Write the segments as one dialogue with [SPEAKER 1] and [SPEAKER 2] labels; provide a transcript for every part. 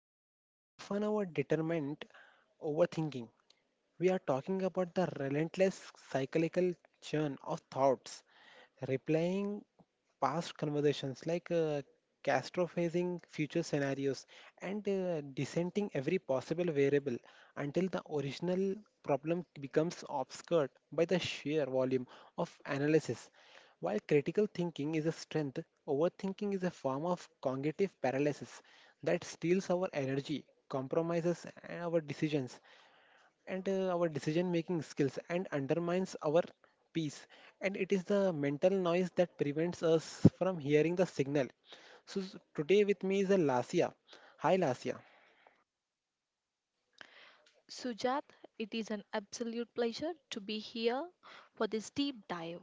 [SPEAKER 1] in, often our determined overthinking. We are talking about the relentless cyclical churn of thoughts, replying past conversations catastrophizing future scenarios and dissenting every possible variable until the original problem becomes obscured by the sheer volume of analysis. While critical thinking is a strength, overthinking is a form of cognitive paralysis that steals our energy, compromises our decisions, and our decision making skills and undermines our peace, and it is the mental noise that prevents us from hearing the signal. Today with me is a Lasia. Hi, Lasia.
[SPEAKER 2] Sujat, it is an absolute pleasure to be here for this deep dive.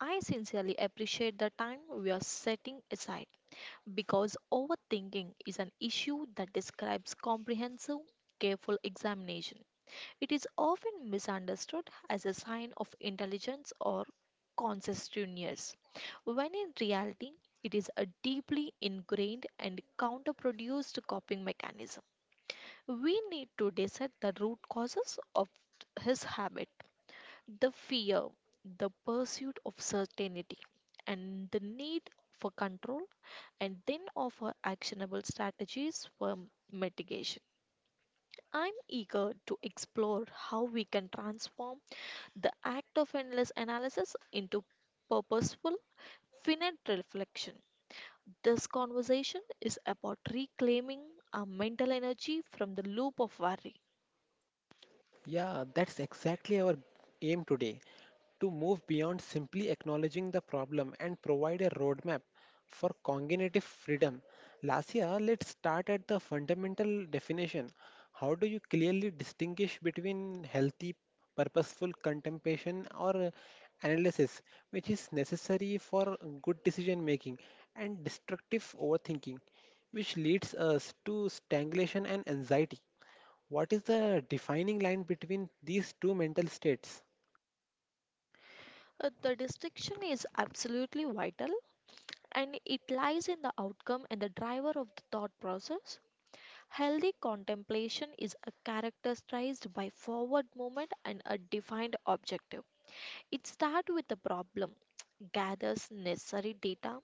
[SPEAKER 2] I sincerely appreciate the time we are setting aside, because overthinking is an issue that describes comprehensive, careful examination. It is often misunderstood as a sign of intelligence or conscientiousness, when in reality, it is a deeply ingrained and counterproduced coping mechanism. We need to dissect the root causes of his habit: the fear, the pursuit of certainty, and the need for control, and then offer actionable strategies for mitigation. I'm eager to explore how we can transform the act of endless analysis into purposeful, finite reflection. This conversation is about reclaiming our mental energy from the loop of worry.
[SPEAKER 1] Yeah, that's exactly our aim today, to move beyond simply acknowledging the problem and provide a roadmap for cognitive freedom. Lasia, let's start at the fundamental definition. How do you clearly distinguish between healthy, purposeful contemplation or analysis, which is necessary for good decision making, and destructive overthinking, which leads us to stagnation and anxiety? What is the defining line between these two mental states?
[SPEAKER 2] The distinction is absolutely vital, and it lies in the outcome and the driver of the thought process. Healthy contemplation is a characterized by forward movement and a defined objective. It starts with the problem, gathers necessary data,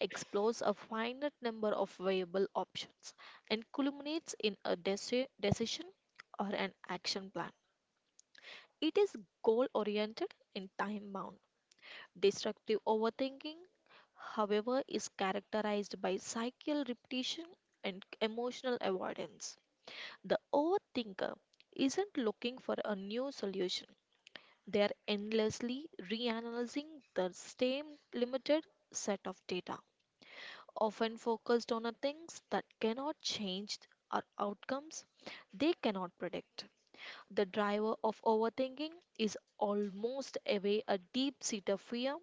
[SPEAKER 2] explores a finite number of viable options, and culminates in a decision or an action plan. It is goal oriented and time bound. Destructive overthinking, however, is characterized by cycle repetition and emotional avoidance. The overthinker isn't looking for a new solution, they are endlessly reanalyzing the same limited set of data, often focused on a things that cannot change or outcomes they cannot predict. The driver of overthinking is almost away a deep seated fear: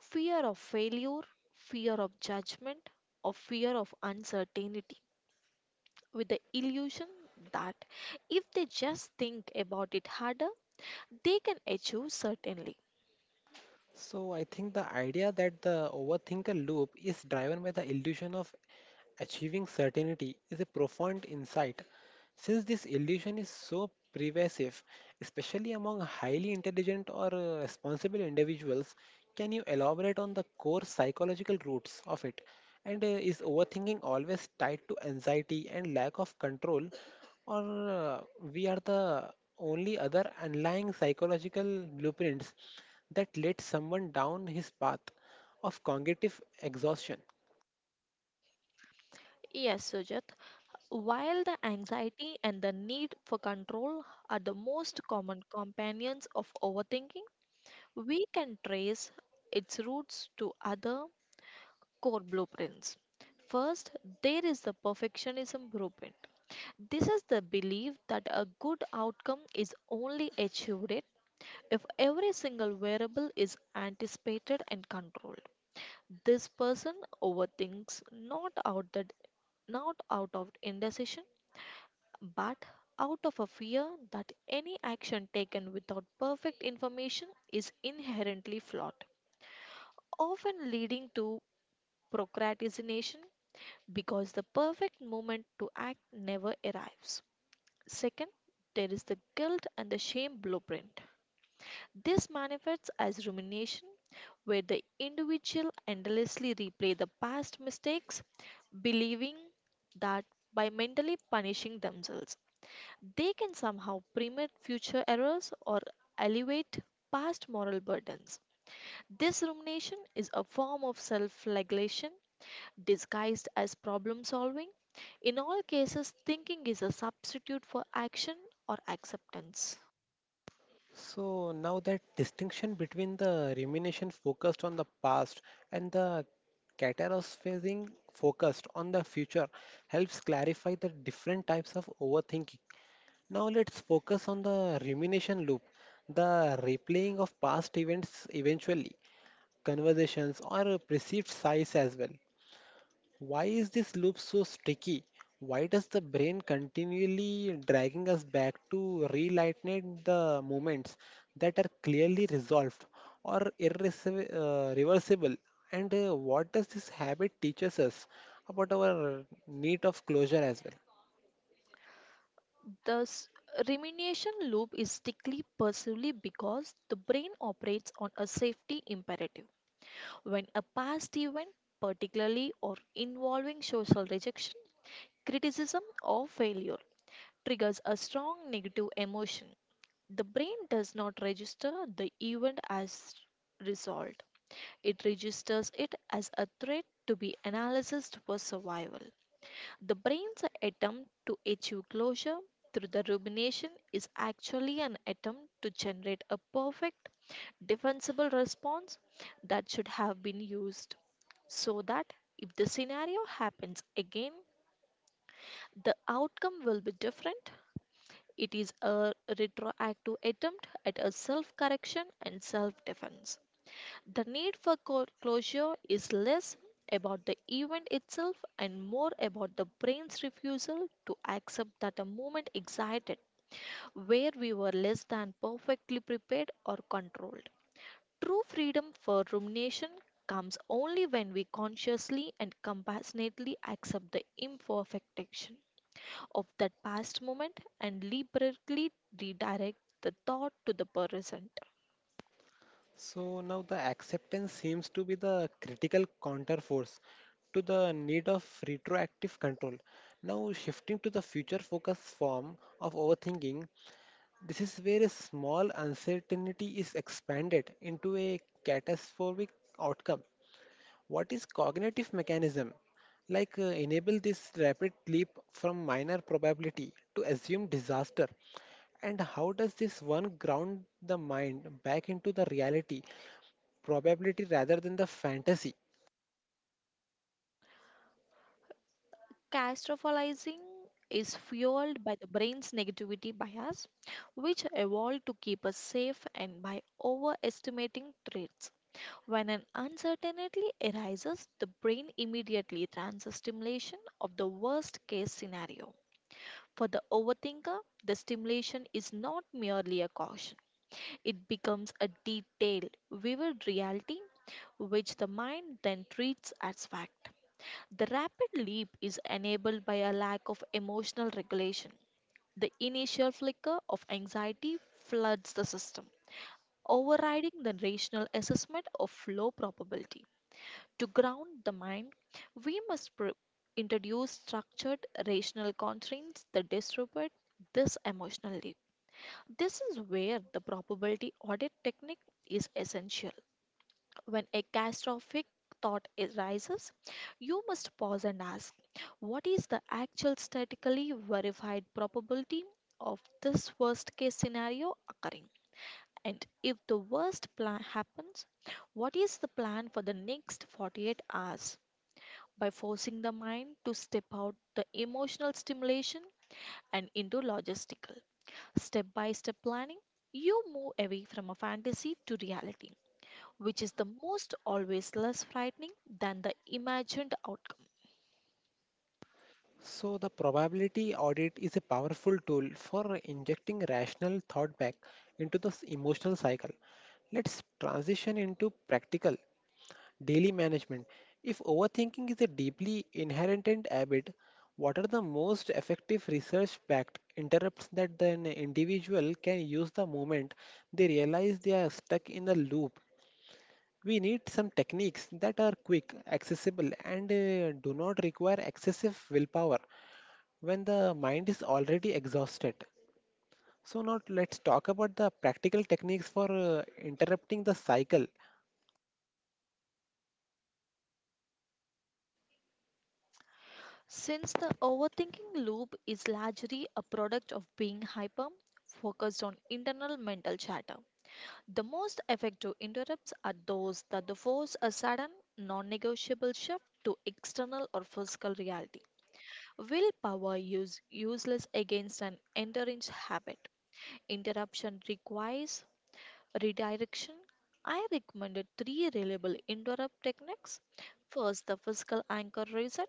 [SPEAKER 2] fear of failure, fear of judgment, or fear of uncertainty, with the illusion that if they just think about it harder, they can achieve certainly.
[SPEAKER 1] So I think the idea that the overthinker loop is driven by the illusion of achieving certainty is a profound insight. Since this illusion is so pervasive, especially among highly intelligent or responsible individuals, can you elaborate on the core psychological roots of it? And is overthinking always tied to anxiety and lack of control, or we are the only other underlying psychological blueprints that led someone down his path of cognitive exhaustion?
[SPEAKER 2] Yes, Sujat, while the anxiety and the need for control are the most common companions of overthinking, we can trace its roots to other core blueprints. First, there is the perfectionism blueprint. This is the belief that a good outcome is only achieved if every single variable is anticipated and controlled. This person overthinks not out of indecision, but out of a fear that any action taken without perfect information is inherently flawed, often leading to procrastination because the perfect moment to act never arrives. Second, there is the guilt and the shame blueprint. This manifests as rumination, where the individual endlessly replay the past mistakes, believing that by mentally punishing themselves, they can somehow prevent future errors or alleviate past moral burdens. This rumination is a form of self flagellation disguised as problem solving. In all cases, thinking is a substitute for action or acceptance.
[SPEAKER 1] So now that distinction between the rumination focused on the past and the catastrophizing focused on the future helps clarify the different types of overthinking. Now let's focus on the rumination loop, the replaying of past events, eventually, conversations or perceived size as well. Why is this loop so sticky? Why does the brain continually dragging us back to relighten the moments that are clearly resolved or irreversible? Reversible? And what does this habit teaches us about our need of closure as well?
[SPEAKER 2] Thus, rumination loop is strictly pursuively because the brain operates on a safety imperative. When a past event, particularly or involving social rejection, criticism, or failure, triggers a strong negative emotion, the brain does not register the event as resolved. It registers it as a threat to be analyzed for survival. The brain's attempt to achieve closure through the rumination is actually an attempt to generate a perfect, defensible response that should have been used, so that if the scenario happens again, the outcome will be different. It is a retroactive attempt at a self correction and self defense. The need for closure is less about the event itself and more about the brain's refusal to accept that a moment existed where we were less than perfectly prepared or controlled. True freedom for rumination comes only when we consciously and compassionately accept the imperfection of that past moment and deliberately redirect the thought to the present.
[SPEAKER 1] So now the acceptance seems to be the critical counterforce to the need of retroactive control. Now shifting to the future focus form of overthinking, this is where a small uncertainty is expanded into a catastrophic outcome. What is cognitive mechanism? Enable this rapid leap from minor probability to assume disaster. And how does this one ground the mind back into the reality, probability rather than the fantasy?
[SPEAKER 2] Catastrophizing is fueled by the brain's negativity bias, which evolved to keep us safe and by overestimating threats. When an uncertainty arises, the brain immediately runs a stimulation of the worst case scenario. For the overthinker, the stimulation is not merely a caution, it becomes a detailed, vivid reality which the mind then treats as fact. The rapid leap is enabled by a lack of emotional regulation. The initial flicker of anxiety floods the system, overriding the rational assessment of low probability. To ground the mind, we must introduce structured rational constraints that disrupt this emotional leap. This is where the probability audit technique is essential. When a catastrophic rises, you must pause and ask, what is the actual statistically verified probability of this worst case scenario occurring? And if the worst plan happens, what is the plan for the next 48 hours? By forcing the mind to step out the emotional stimulation and into logistical step by step planning, you move away from a fantasy to reality, which is the most always less frightening than the imagined outcome.
[SPEAKER 1] So, the probability audit is a powerful tool for injecting rational thought back into the emotional cycle. Let's transition into practical daily management. If overthinking is a deeply inherent habit, what are the most effective research backed interrupts that an individual can use the moment they realize they are stuck in the loop? We need some techniques that are quick, accessible, and do not require excessive willpower when the mind is already exhausted. So, now let's talk about the practical techniques for interrupting the cycle.
[SPEAKER 2] Since the overthinking loop is largely a product of being hyper focused on internal mental chatter, the most effective interrupts are those that force a sudden, non negotiable shift to external or physical reality. Willpower is useless against an endangered habit. Interruption requires redirection. I recommended 3 reliable interrupt techniques. First, the physical anchor reset.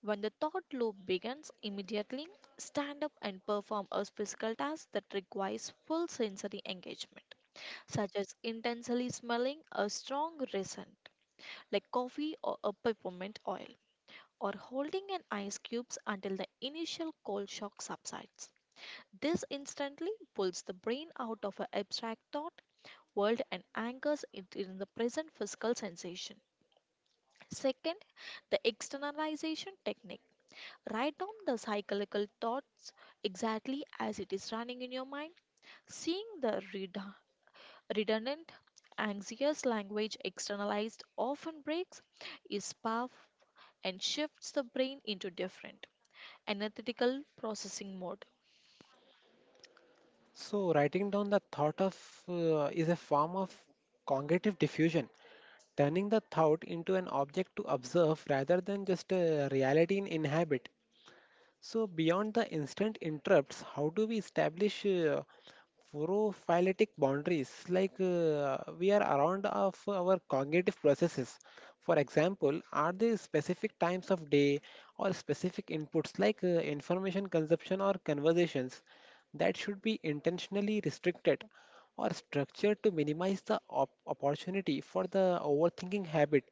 [SPEAKER 2] When the thought loop begins, immediately stand up and perform a physical task that requires full sensory engagement, such as intensely smelling a strong resin like coffee or a peppermint oil, or holding an ice cubes until the initial cold shock subsides. This instantly pulls the brain out of an abstract thought world and anchors it in the present physical sensation. Second, the externalization technique. Write down the cyclical thoughts exactly as it is running in your mind. Seeing the redundant, anxious language externalized often breaks is path and shifts the brain into different analytical processing mode.
[SPEAKER 1] So, writing down the thought of is a form of cognitive diffusion, turning the thought into an object to observe rather than just a reality in inhabit. So, beyond the instant interrupts, how do we establish prophyletic boundaries? We are around of our cognitive processes. For example, are there specific times of day or specific inputs information consumption or conversations that should be intentionally restricted or structured to minimize the opportunity for the overthinking habit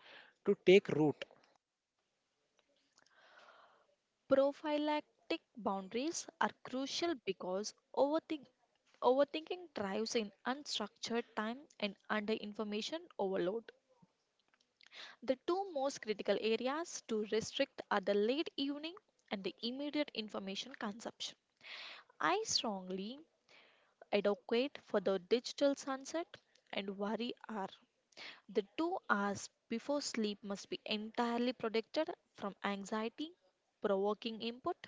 [SPEAKER 1] to take root?
[SPEAKER 2] Prophylactic boundaries are crucial because overthinking thrives in unstructured time and under information overload. The two most critical areas to restrict are the late evening and the immediate information consumption. I strongly advocate for the digital sunset and worry hour. The 2 hours before sleep must be entirely protected from anxiety provoking input: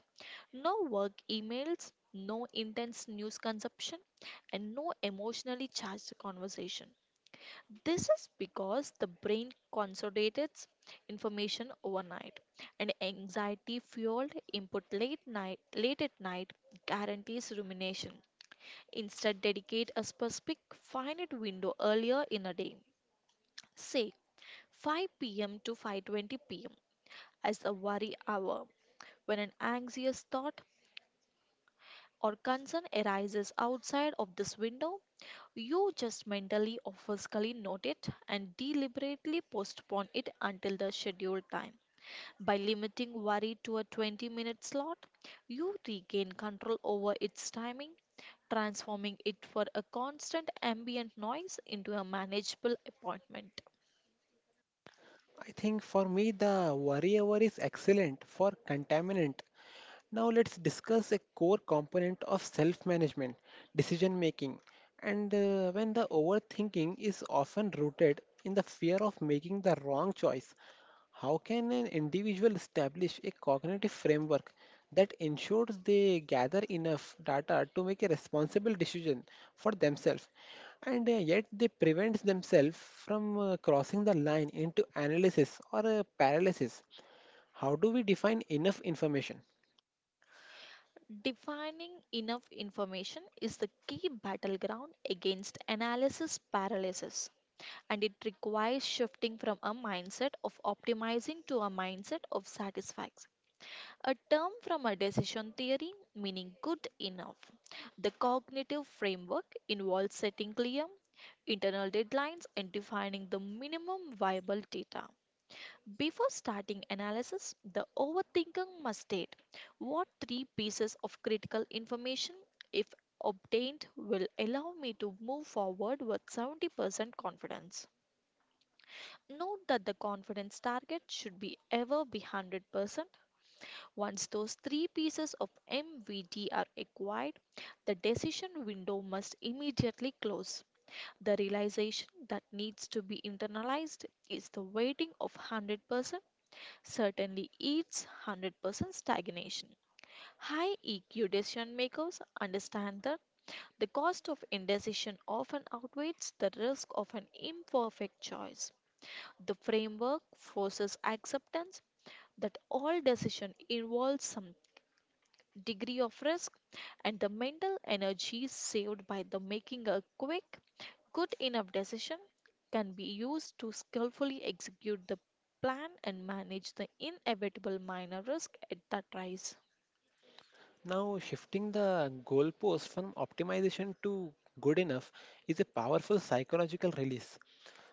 [SPEAKER 2] no work emails, no intense news consumption, and no emotionally charged conversation. This is because the brain consolidates information overnight, and anxiety fueled input late at night guarantees rumination. Instead, dedicate a specific finite window earlier in a day, say 5 p.m. to 5:20 p.m., as a worry hour. When an anxious thought or concern arises outside of this window, you just mentally or physically note it and deliberately postpone it until the scheduled time. By limiting worry to a 20-minute minute slot, you regain control over its timing, transforming it from a constant ambient noise into a manageable appointment.
[SPEAKER 1] I think for me, the worry worryover is excellent for contaminant. Now, let's discuss a core component of self management, decision making. And when the overthinking is often rooted in the fear of making the wrong choice, how can an individual establish a cognitive framework that ensures they gather enough data to make a responsible decision for themselves? And yet they prevent themselves from crossing the line into analysis or paralysis. How do we define enough information?
[SPEAKER 2] Defining enough information is the key battleground against analysis paralysis, and it requires shifting from a mindset of optimizing to a mindset of satisfaction. A term from a decision theory meaning good enough. The cognitive framework involves setting clear internal deadlines and defining the minimum viable data. Before starting analysis, the overthinker must state what 3 pieces of critical information, if obtained, will allow me to move forward with 70% confidence. Note that the confidence target should be ever be 100%. Once those 3 pieces of MVT are acquired, the decision window must immediately close. The realization that needs to be internalized is the weighting of 100% certainly eats 100% stagnation. High EQ decision makers understand that the cost of indecision often outweighs the risk of an imperfect choice. The framework forces acceptance that all decision involves some degree of risk, and the mental energy saved by the making a quick good enough decision can be used to skillfully execute the plan and manage the inevitable minor risk at that rise.
[SPEAKER 1] Now, shifting the goalpost from optimization to good enough is a powerful psychological release.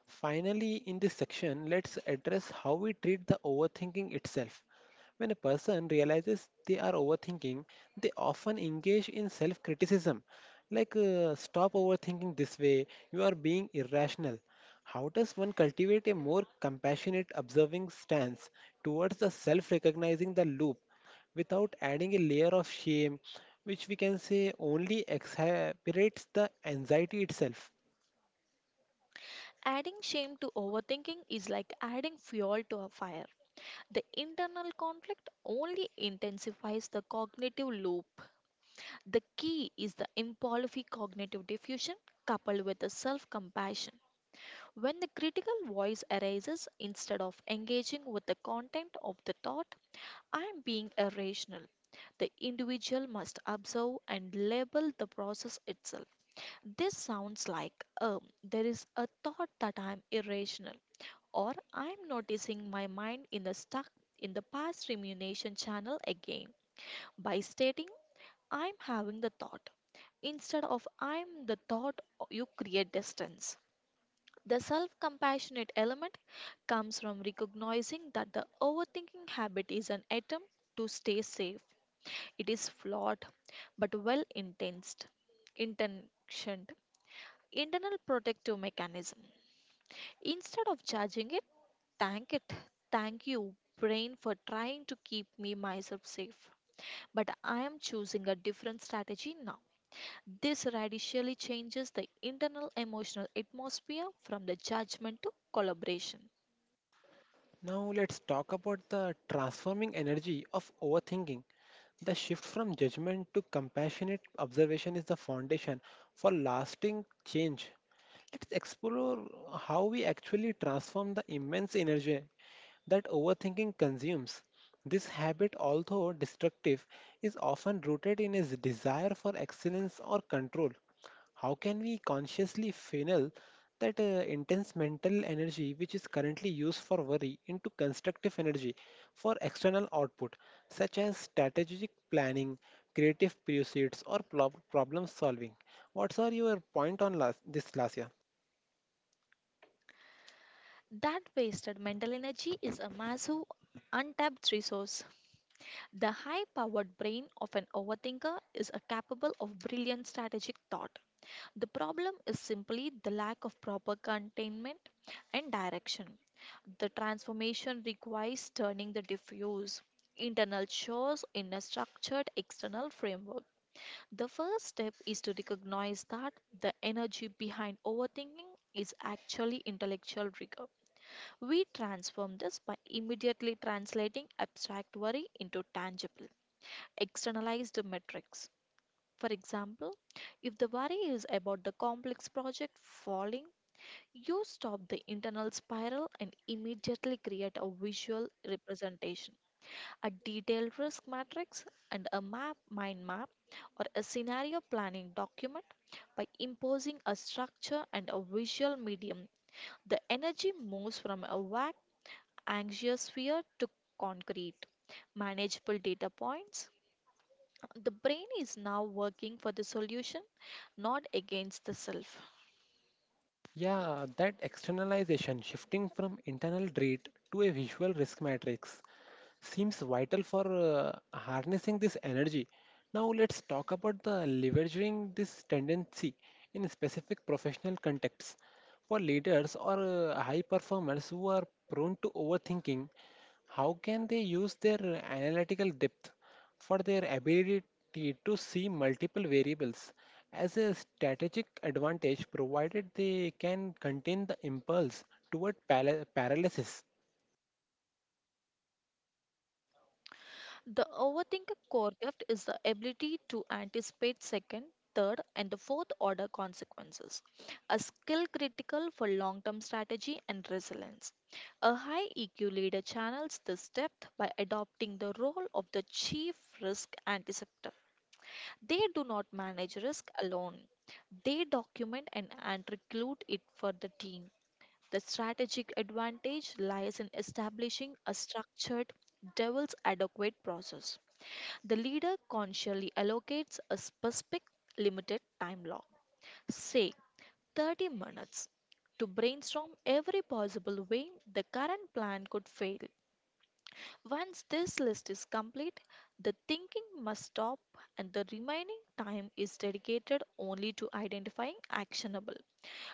[SPEAKER 1] Finally, in this section, let's address how we treat the overthinking itself. When a person realizes they are overthinking, they often engage in self criticism, stop overthinking this way, you are being irrational. How does one cultivate a more compassionate, observing stance towards the self recognizing the loop, without adding a layer of shame, which we can say only exacerbates the anxiety itself?
[SPEAKER 2] Adding shame to overthinking is like adding fuel to a fire. The internal conflict only intensifies the cognitive loop. The key is the impulsive cognitive diffusion coupled with the self compassion. When the critical voice arises, instead of engaging with the content of the thought, I am being irrational. The individual must observe and label the process itself. This sounds like, there is a thought that I am irrational, or I am noticing my mind in the stuck in the past rumination channel again. By stating, I am having the thought, instead of I'm the thought, you create distance. The self compassionate element comes from recognizing that the overthinking habit is an attempt to stay safe. It is flawed but well intentioned. Intentioned. Internal protective mechanism. Instead of judging it. Thank you, brain, for trying to keep me myself safe. But I am choosing a different strategy now. This radically changes the internal emotional atmosphere from the judgment to collaboration.
[SPEAKER 1] Now, let's talk about the transforming energy of overthinking. The shift from judgment to compassionate observation is the foundation for lasting change. Let's explore how we actually transform the immense energy that overthinking consumes. This habit, although destructive, is often rooted in his desire for excellence or control. How can we consciously funnel that intense mental energy, which is currently used for worry, into constructive energy for external output, such as strategic planning, creative pursuits, or problem solving? What's are your point on last, this, Lasya?
[SPEAKER 2] That wasted mental energy is a massive untapped resource. The high powered brain of an overthinker is a capable of brilliant strategic thought. The problem is simply the lack of proper containment and direction. The transformation requires turning the diffuse internal chores in a structured external framework. The first step is to recognize that the energy behind overthinking is actually intellectual rigor. We transform this by immediately translating abstract worry into tangible, externalized metrics. For example, if the worry is about the complex project falling, you stop the internal spiral and immediately create a visual representation, a detailed risk matrix, and a map, mind map, or a scenario planning document. By imposing a structure and a visual medium, the energy moves from a vague, anxious sphere to concrete, manageable data points. The brain is now working for the solution, not against the self.
[SPEAKER 1] Yeah, that externalization, shifting from internal dread to a visual risk matrix, seems vital for harnessing this energy. Now, let's talk about the leveraging this tendency in specific professional contexts. For leaders or high performers who are prone to overthinking, how can they use their analytical depth for their ability to see multiple variables as a strategic advantage, provided they can contain the impulse toward paralysis?
[SPEAKER 2] The overthinker core gift is the ability to anticipate second, third, and the fourth order consequences, a skill critical for long term strategy and resilience. A high EQ leader channels this depth by adopting the role of the chief risk anticipator. They do not manage risk alone, they document and recruit it for the team. The strategic advantage lies in establishing a structured, devil's adequate process. The leader consciously allocates a specific limited time block, say 30 minutes, to brainstorm every possible way the current plan could fail. Once this list is complete, the thinking must stop and the remaining time is dedicated only to identifying actionable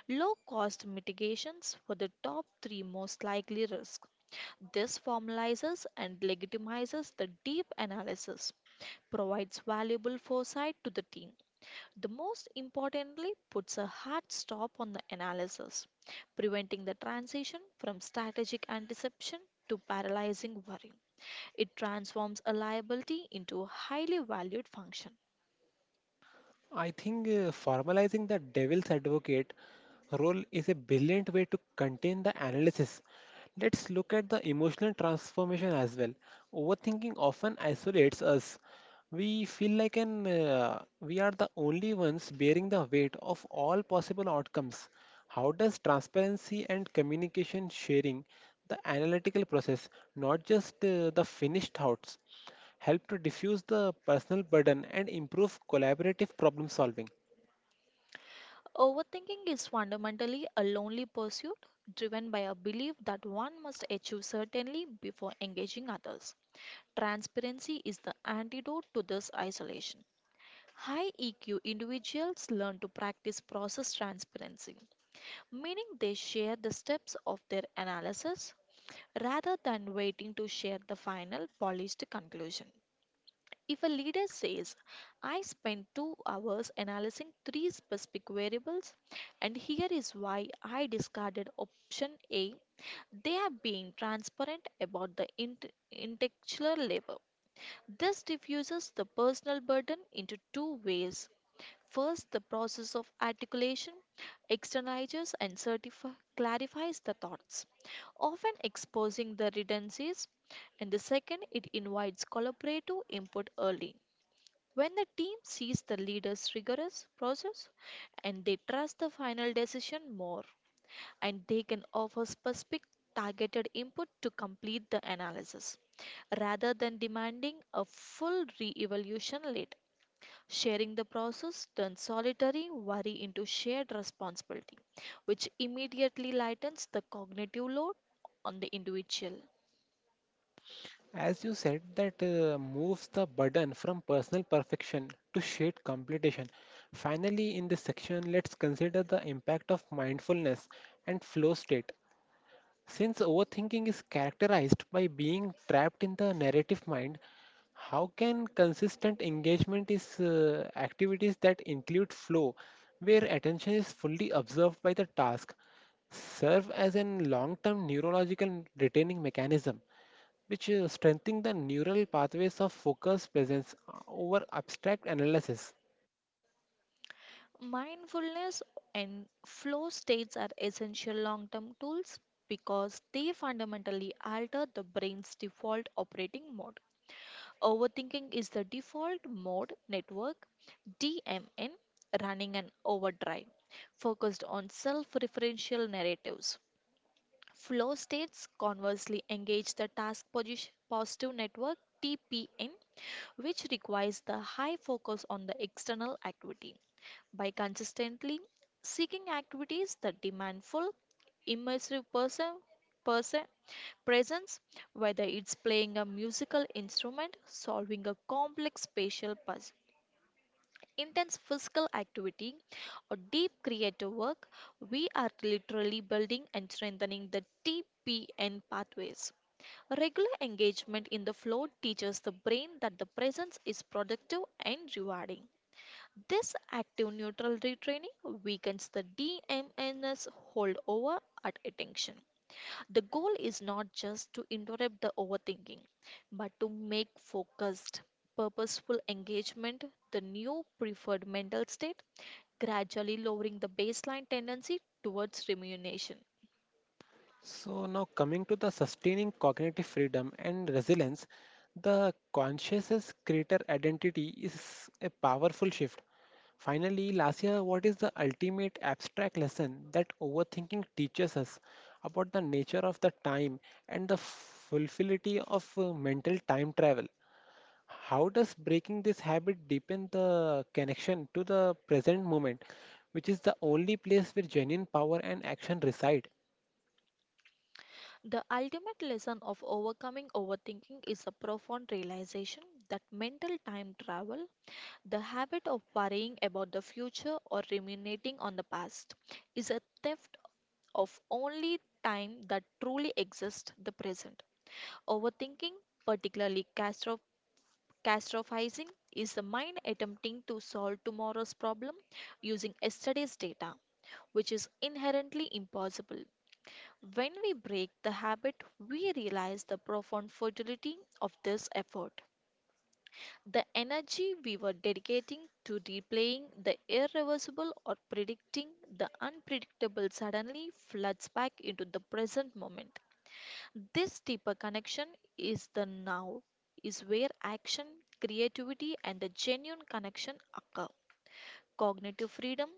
[SPEAKER 2] low cost mitigations for the top three most likely risks. This formalizes and legitimizes the deep analysis, provides valuable foresight to the team. The most importantly, puts a hard stop on the analysis, preventing the transition from strategic anticipation to paralyzing worry. It transforms a liability into a highly valued function.
[SPEAKER 1] I think formalizing the devil's advocate role is a brilliant way to contain the analysis. Let's look at the emotional transformation as well. Overthinking often isolates us. We feel like an we are the only ones bearing the weight of all possible outcomes. How does transparency and communication sharing the analytical process, not just the finished thoughts, help to diffuse the personal burden and improve collaborative problem solving?
[SPEAKER 2] Overthinking is fundamentally a lonely pursuit driven by a belief that one must achieve certainly before engaging others. Transparency is the antidote to this isolation. High EQ individuals learn to practice process transparency, meaning they share the steps of their analysis rather than waiting to share the final polished conclusion. If a leader says, I spent 2 hours analyzing three specific variables, and here is why I discarded option A, they are being transparent about the intellectual labor. This diffuses the personal burden into two ways. First, the process of articulation externalizes and clarifies the thoughts, often exposing the redundancies. And the second, it invites collaborative input early, when the team sees the leader's rigorous process and they trust the final decision more, and they can offer specific targeted input to complete the analysis rather than demanding a full re evaluation later. Sharing the process turns solitary worry into shared responsibility, which immediately lightens the cognitive load on the individual.
[SPEAKER 1] As you said, that moves the burden from personal perfection to shared completion. Finally, in this section, let's consider the impact of mindfulness and flow state. Since overthinking is characterized by being trapped in the narrative mind, how can consistent engagement is activities that include flow, where attention is fully observed by the task, serve as a long-term neurological retaining mechanism, which strengthen the neural pathways of focus presence over abstract analysis?
[SPEAKER 2] Mindfulness and flow states are essential long term tools because they fundamentally alter the brain's default operating mode. Overthinking is the default mode network DMN running an overdrive focused on self referential narratives. Flow states conversely engage the task positive network TPN, which requires the high focus on the external activity by consistently seeking activities that demand full, immersive person, presence, whether it's playing a musical instrument, solving a complex spatial puzzle, intense physical activity, or deep creative work, we are literally building and strengthening the TPN pathways. Regular engagement in the flow teaches the brain that the presence is productive and rewarding. This active neutral retraining weakens the DMNS holdover at attention. The goal is not just to interrupt the overthinking, but to make focused, purposeful engagement the new preferred mental state, gradually lowering the baseline tendency towards rumination.
[SPEAKER 1] So, now coming to the sustaining cognitive freedom and resilience, the consciousness creator identity is a powerful shift. Finally, Lasia, what is the ultimate abstract lesson that overthinking teaches us about the nature of the time and the fulfillity of mental time travel? How does breaking this habit deepen the connection to the present moment, which is the only place where genuine power and action reside?
[SPEAKER 2] The ultimate lesson of overcoming overthinking is a profound realization that mental time travel, the habit of worrying about the future or ruminating on the past, is a theft of only time that truly exists, the present. Overthinking, particularly catastrophizing, is the mind attempting to solve tomorrow's problem using yesterday's data, which is inherently impossible. When we break the habit, we realize the profound futility of this effort. The energy we were dedicating to replaying the irreversible or predicting the unpredictable suddenly floods back into the present moment. This deeper connection is the now, is where action, creativity, and the genuine connection occur. Cognitive freedom,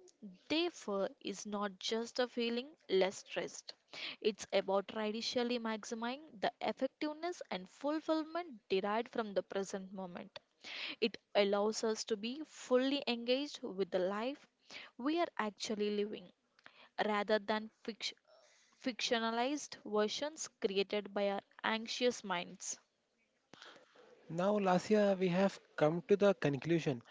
[SPEAKER 2] therefore, is not just a feeling less stressed. It's about radically maximizing the effectiveness and fulfillment derived from the present moment. It allows us to be fully engaged with the life we are actually living rather than fictionalized versions created by our anxious minds.
[SPEAKER 1] Now, Lasya, we have come to the conclusion.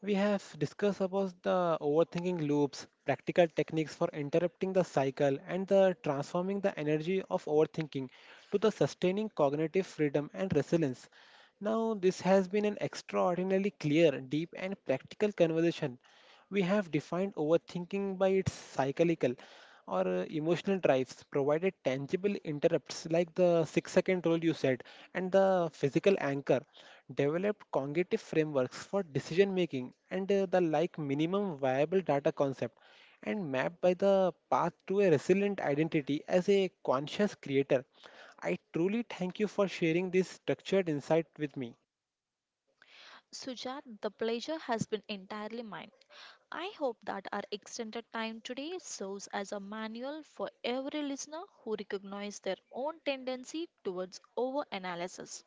[SPEAKER 1] We have discussed about the overthinking loops, practical techniques for interrupting the cycle, and the transforming the energy of overthinking to the sustaining cognitive freedom and resilience. Now, this has been an extraordinarily clear, deep, and practical conversation. We have defined overthinking by its cyclical or emotional drives, provided tangible interrupts like the 6-second rule you said, and the physical anchor, developed cognitive frameworks for decision making and the like minimum viable data concept, and mapped by the path to a resilient identity as a conscious creator. I truly thank you for sharing this structured insight with me.
[SPEAKER 2] Sujat, the pleasure has been entirely mine. I hope that our extended time today serves as a manual for every listener who recognizes their own tendency towards overanalysis.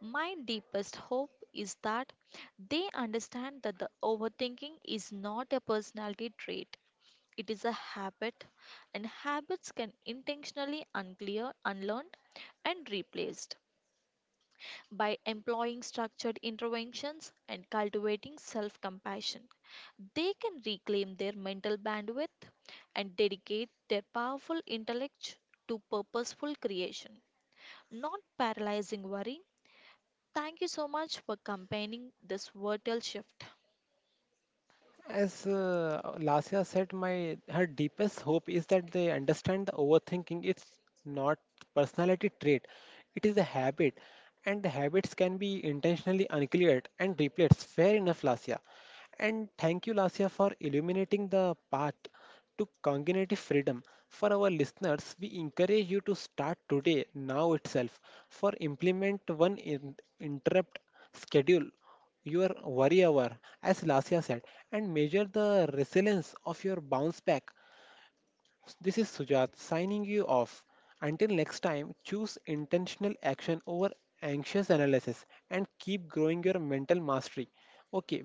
[SPEAKER 2] My deepest hope is that they understand that the overthinking is not a personality trait. It is a habit, and habits can intentionally unclear, unlearned, and replaced by employing structured interventions and cultivating self compassion. They can reclaim their mental bandwidth and dedicate their powerful intellect to purposeful creation, not paralyzing worry. Thank you so much for campaigning this vital shift.
[SPEAKER 1] As Lasya said, my her deepest hope is that they understand the overthinking, it's not personality trait. It is a habit, and the habits can be intentionally uncleared and replaced. Fair enough, Lasya. And thank you, Lasya, for illuminating the path to cognitive freedom. For our listeners, we encourage you to start today, now itself, for implement one interrupt, schedule your worry hour as Lasya said, and measure the resilience of your bounce back. This is Sujat signing you off. Until next time, choose intentional action over anxious analysis and keep growing your mental mastery. Okay,